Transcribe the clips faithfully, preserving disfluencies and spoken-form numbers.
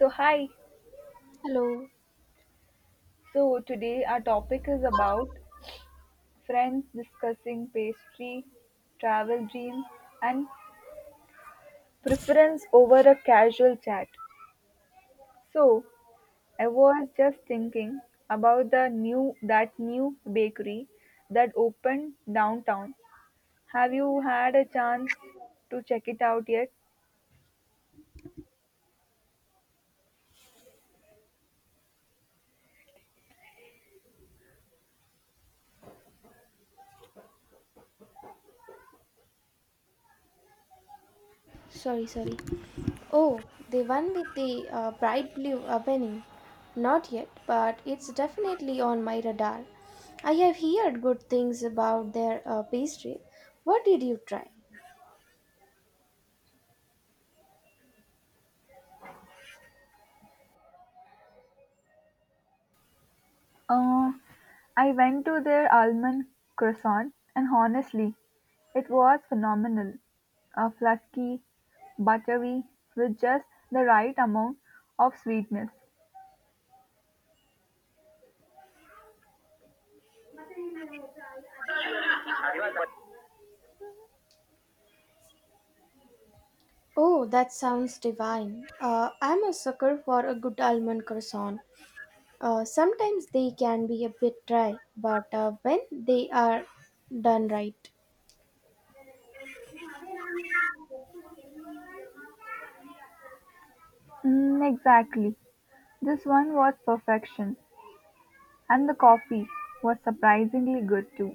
So hi. Hello. So today our topic is about friends discussing pastry, travel dreams, and preference over a casual chat. So I was just thinking about the new that new bakery that opened downtown. Have you had a chance to check it out yet? Sorry, sorry. Oh, the one with the uh, bright blue opening. Not yet, but it's definitely on my radar. I have heard good things about their uh, pastry. What did you try? Uh, I went to their almond croissant, and honestly, it was phenomenal. Uh, flaky, buttery, with just the right amount of sweetness. Oh, that sounds divine. Uh, I'm a sucker for a good almond croissant. Uh, sometimes they can be a bit dry, but uh, when they are done right, Mm, exactly. This one was perfection, and the coffee was surprisingly good too.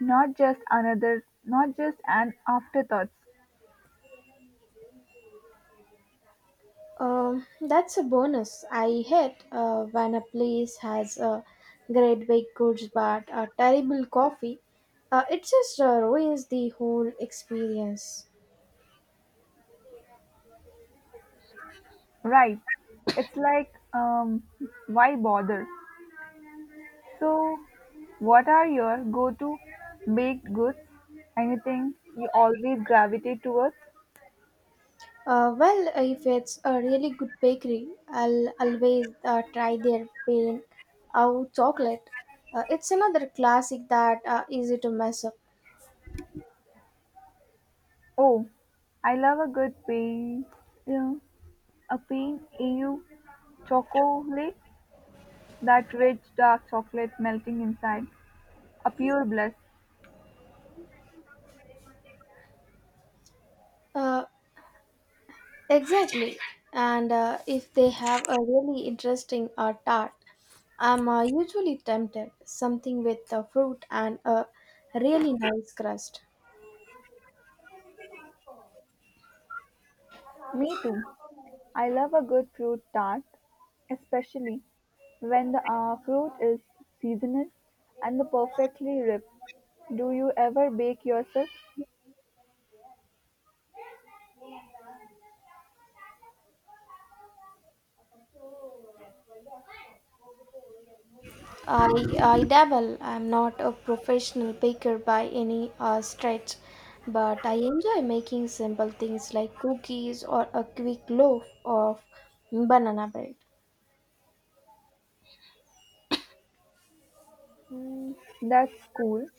Not just another, not just an afterthoughts. Um, that's a bonus. I hate uh, when a place has a great baked goods but a terrible coffee. Uh, it just uh, ruins the whole experience. Right. It's like, um, why bother? So, what are your go-to baked goods? Anything you always gravitate towards? Uh, well, if it's a really good bakery, I'll always uh, try their plain out chocolate. Uh, it's another classic that uh, easy to mess up. Oh, I love a good pain, yeah, a pain au chocolate, that rich dark chocolate melting inside, a pure bliss. Uh, Exactly. And uh, if they have a really interesting uh, tart, I'm uh, usually tempted something with uh, fruit and a really nice crust. Me too. I love a good fruit tart, especially when the uh, fruit is seasonal and the perfectly ripe. Do you ever bake yourself? I, I dabble. I'm not a professional baker by any uh, stretch, but I enjoy making simple things like cookies or a quick loaf of banana bread. Hmm, that's cool.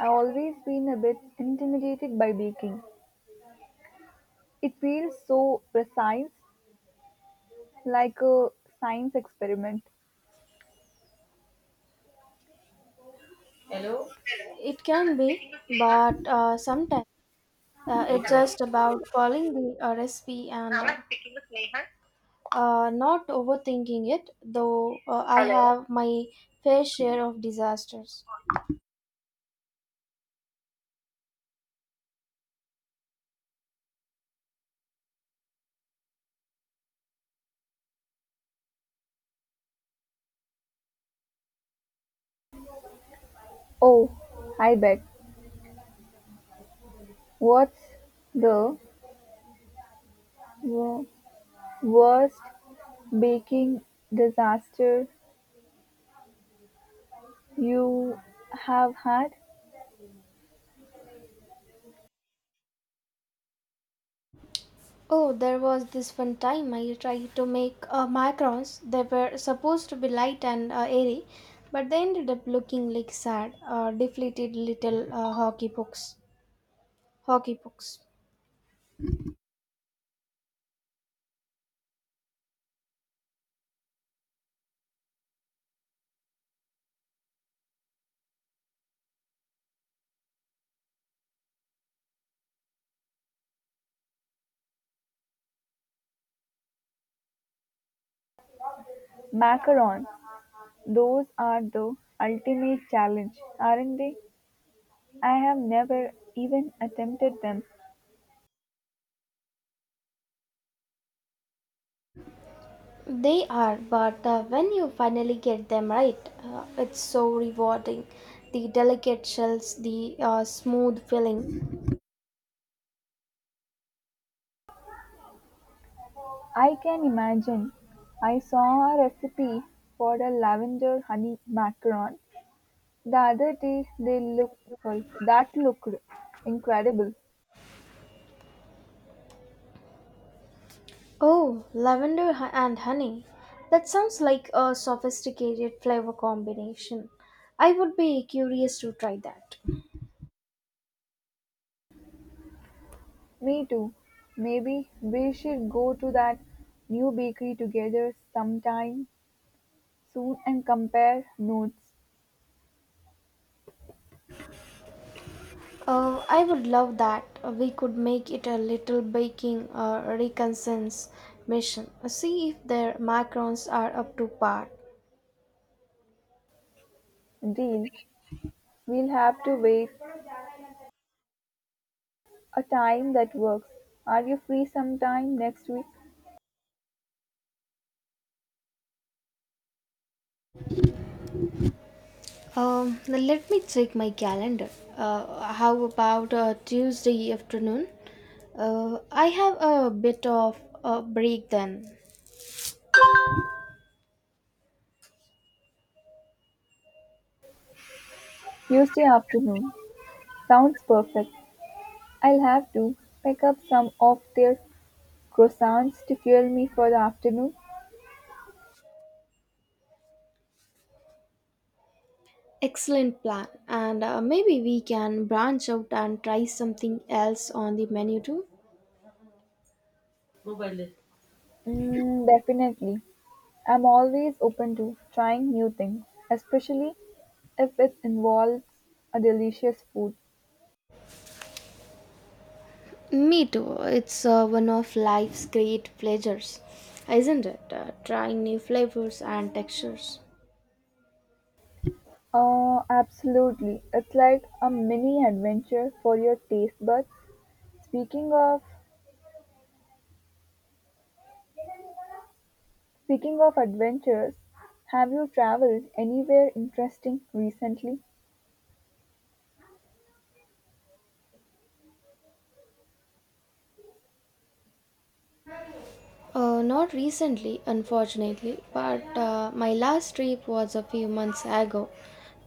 I've always been a bit intimidated by baking. It feels so precise, like a science experiment. Hello? It can be, but uh, sometimes uh, it's just about following the uh, recipe and uh, Uh, not overthinking it, though uh, I have my fair share of disasters. Oh, I bet. What's the wo- worst baking disaster you have had? Oh, there was this one time I tried to make uh, macarons. They were supposed to be light and uh, airy, but they ended up looking like sad, uh, deflated little uh, hockey pucks. Hockey pucks. Macarons. Those are the ultimate challenge, aren't they? I have never even attempted them. They are, but uh, when you finally get them right, uh, it's so rewarding. The delicate shells, the uh, smooth filling. I can imagine. I saw a recipe for a lavender honey macaron the other day. They look sorry, that looked incredible. Oh, lavender ho- and honey. That sounds like a sophisticated flavor combination. I would be curious to try that. Me too. Maybe we should go to that new bakery together sometime soon and compare notes. Oh, I would love that. We could make it a little baking uh, reconnaissance mission. See if their macarons are up to par. Deal. We'll have to wait a time that works. Are you free sometime next week? Um, now let me check my calendar. Uh, how about uh, Tuesday afternoon? Uh, I have a bit of a break then. Tuesday afternoon. Sounds perfect. I'll have to pick up some of their croissants to fuel me for the afternoon. Excellent plan. And uh, maybe we can branch out and try something else on the menu too. Mobile. Mm, definitely. I'm always open to trying new things, especially if it involves a delicious food. Me too. It's uh, one of life's great pleasures, isn't it? Uh, trying new flavors and textures. Oh, absolutely. It's like a mini adventure for your taste buds. Speaking of Speaking of adventures, have you traveled anywhere interesting recently? Uh, not recently, unfortunately, but uh, my last trip was a few months ago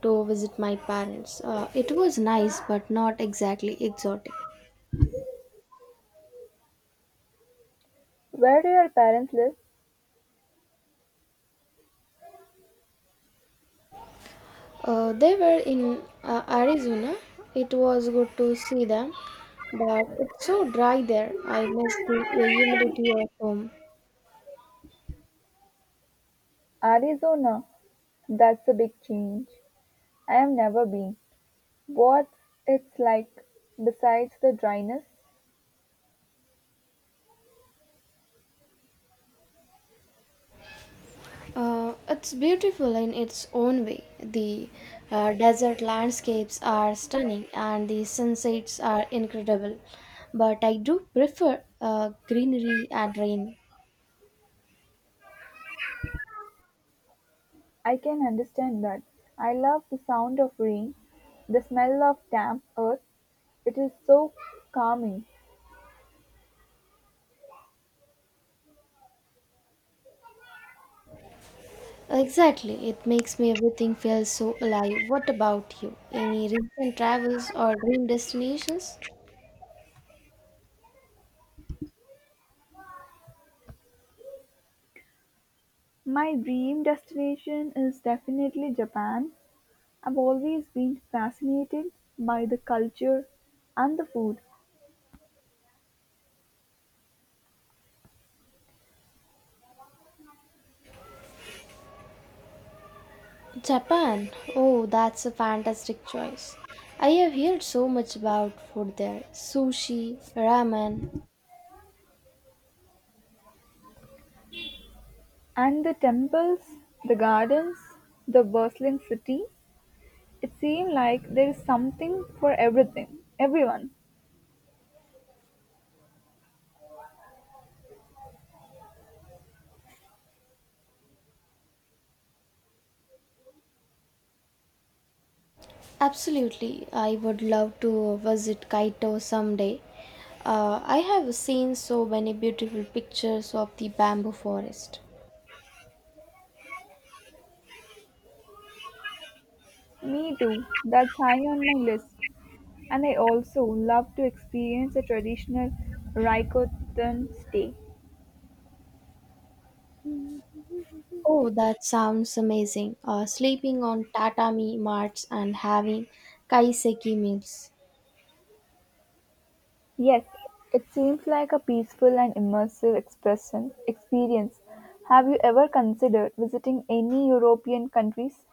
to visit my parents. Uh, it was nice, but not exactly exotic. Where do your parents live? Uh, they were in uh, Arizona. It was good to see them, but it's so dry there. I miss the uh, humidity of home. Arizona, that's a big change. I've never been. What's it's like besides the dryness? Uh, it's beautiful in its own way. The uh, desert landscapes are stunning and the sunsets are incredible. But I do prefer uh, greenery and rain. I can understand that. I love the sound of rain, the smell of damp earth. It is so calming. Exactly, it makes me everything feel so alive. What about you? Any recent travels or dream destinations? My dream destination is definitely Japan. I've always been fascinated by the culture and the food Japan. Oh, that's a fantastic choice. I have heard so much about food there sushi, ramen. and the temples, the gardens, the bustling city. It seems like there is something for everything, everyone. Absolutely, I would love to visit Kaito someday. Uh, I have seen so many beautiful pictures of the bamboo forest. Me too. That's high on my list. And I also love to experience a traditional Raikotan stay. Oh, that sounds amazing. Uh, sleeping on tatami mats and having kaiseki meals. Yes, it seems like a peaceful and immersive expression experience. Have you ever considered visiting any European countries?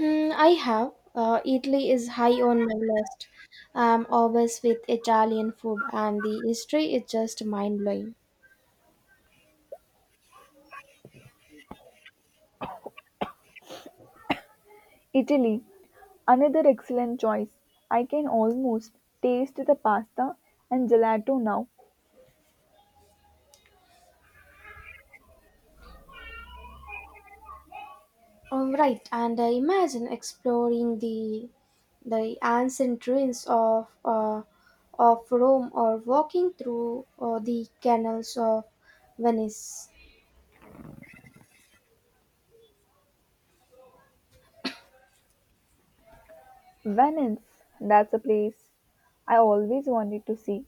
Mm, I have. Uh, Italy is high on my list. I'm obsessed with Italian food, and the history is just mind blowing. Italy, another excellent choice. I can almost taste the pasta and gelato now. Um, right, and I imagine exploring the the ancient ruins of uh, of Rome or walking through uh, the canals of Venice. Venice, that's a place I always wanted to see.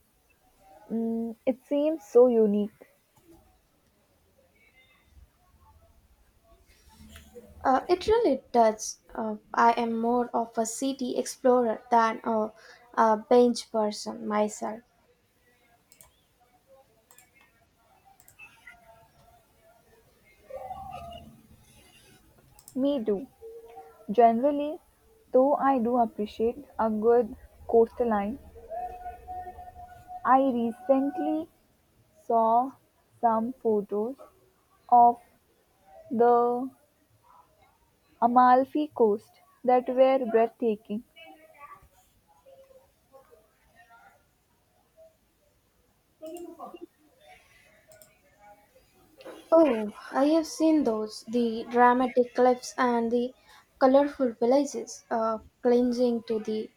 Mm, it seems so unique. Uh, it really does. Uh, I am more of a city explorer than a, a bench person myself. Me too. Generally, though I do appreciate a good coastline, I recently saw some photos of the Amalfi Coast that were breathtaking. Oh, I have seen those the dramatic cliffs and the colorful villages uh, clinging to the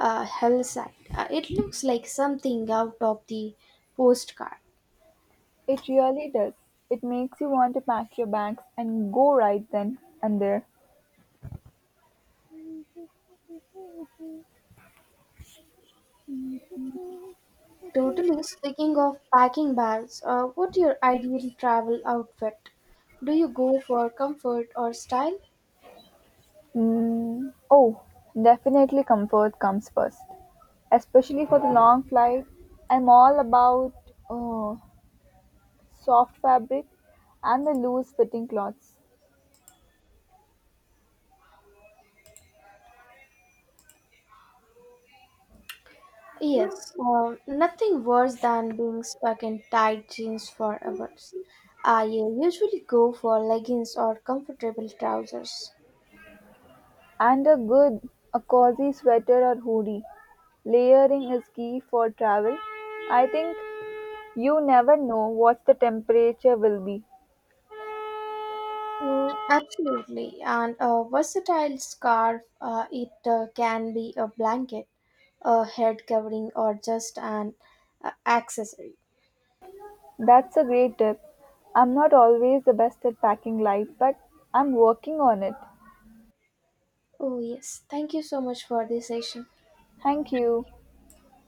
uh, hillside. Uh, it looks like something out of the postcard. It really does. It makes you want to pack your bags and go right then and there. Totally speaking of packing bags, uh, what's your ideal travel outfit? Do you go for comfort or style? Mm, oh, Definitely comfort comes first, especially for the long flight. I'm all about uh, soft fabric and the loose fitting clothes. Yes, uh, nothing worse than being stuck in tight jeans for hours. I uh, usually go for leggings or comfortable trousers. And a good, a cozy sweater or hoodie. Layering is key for travel. I think you never know what the temperature will be. Mm, absolutely. And a versatile scarf, uh, it uh, can be a blanket, a head covering, or just an uh, accessory. That's a great tip. I'm not always the best at packing light, but I'm working on it. Oh, yes. Thank you so much for this session. Thank you.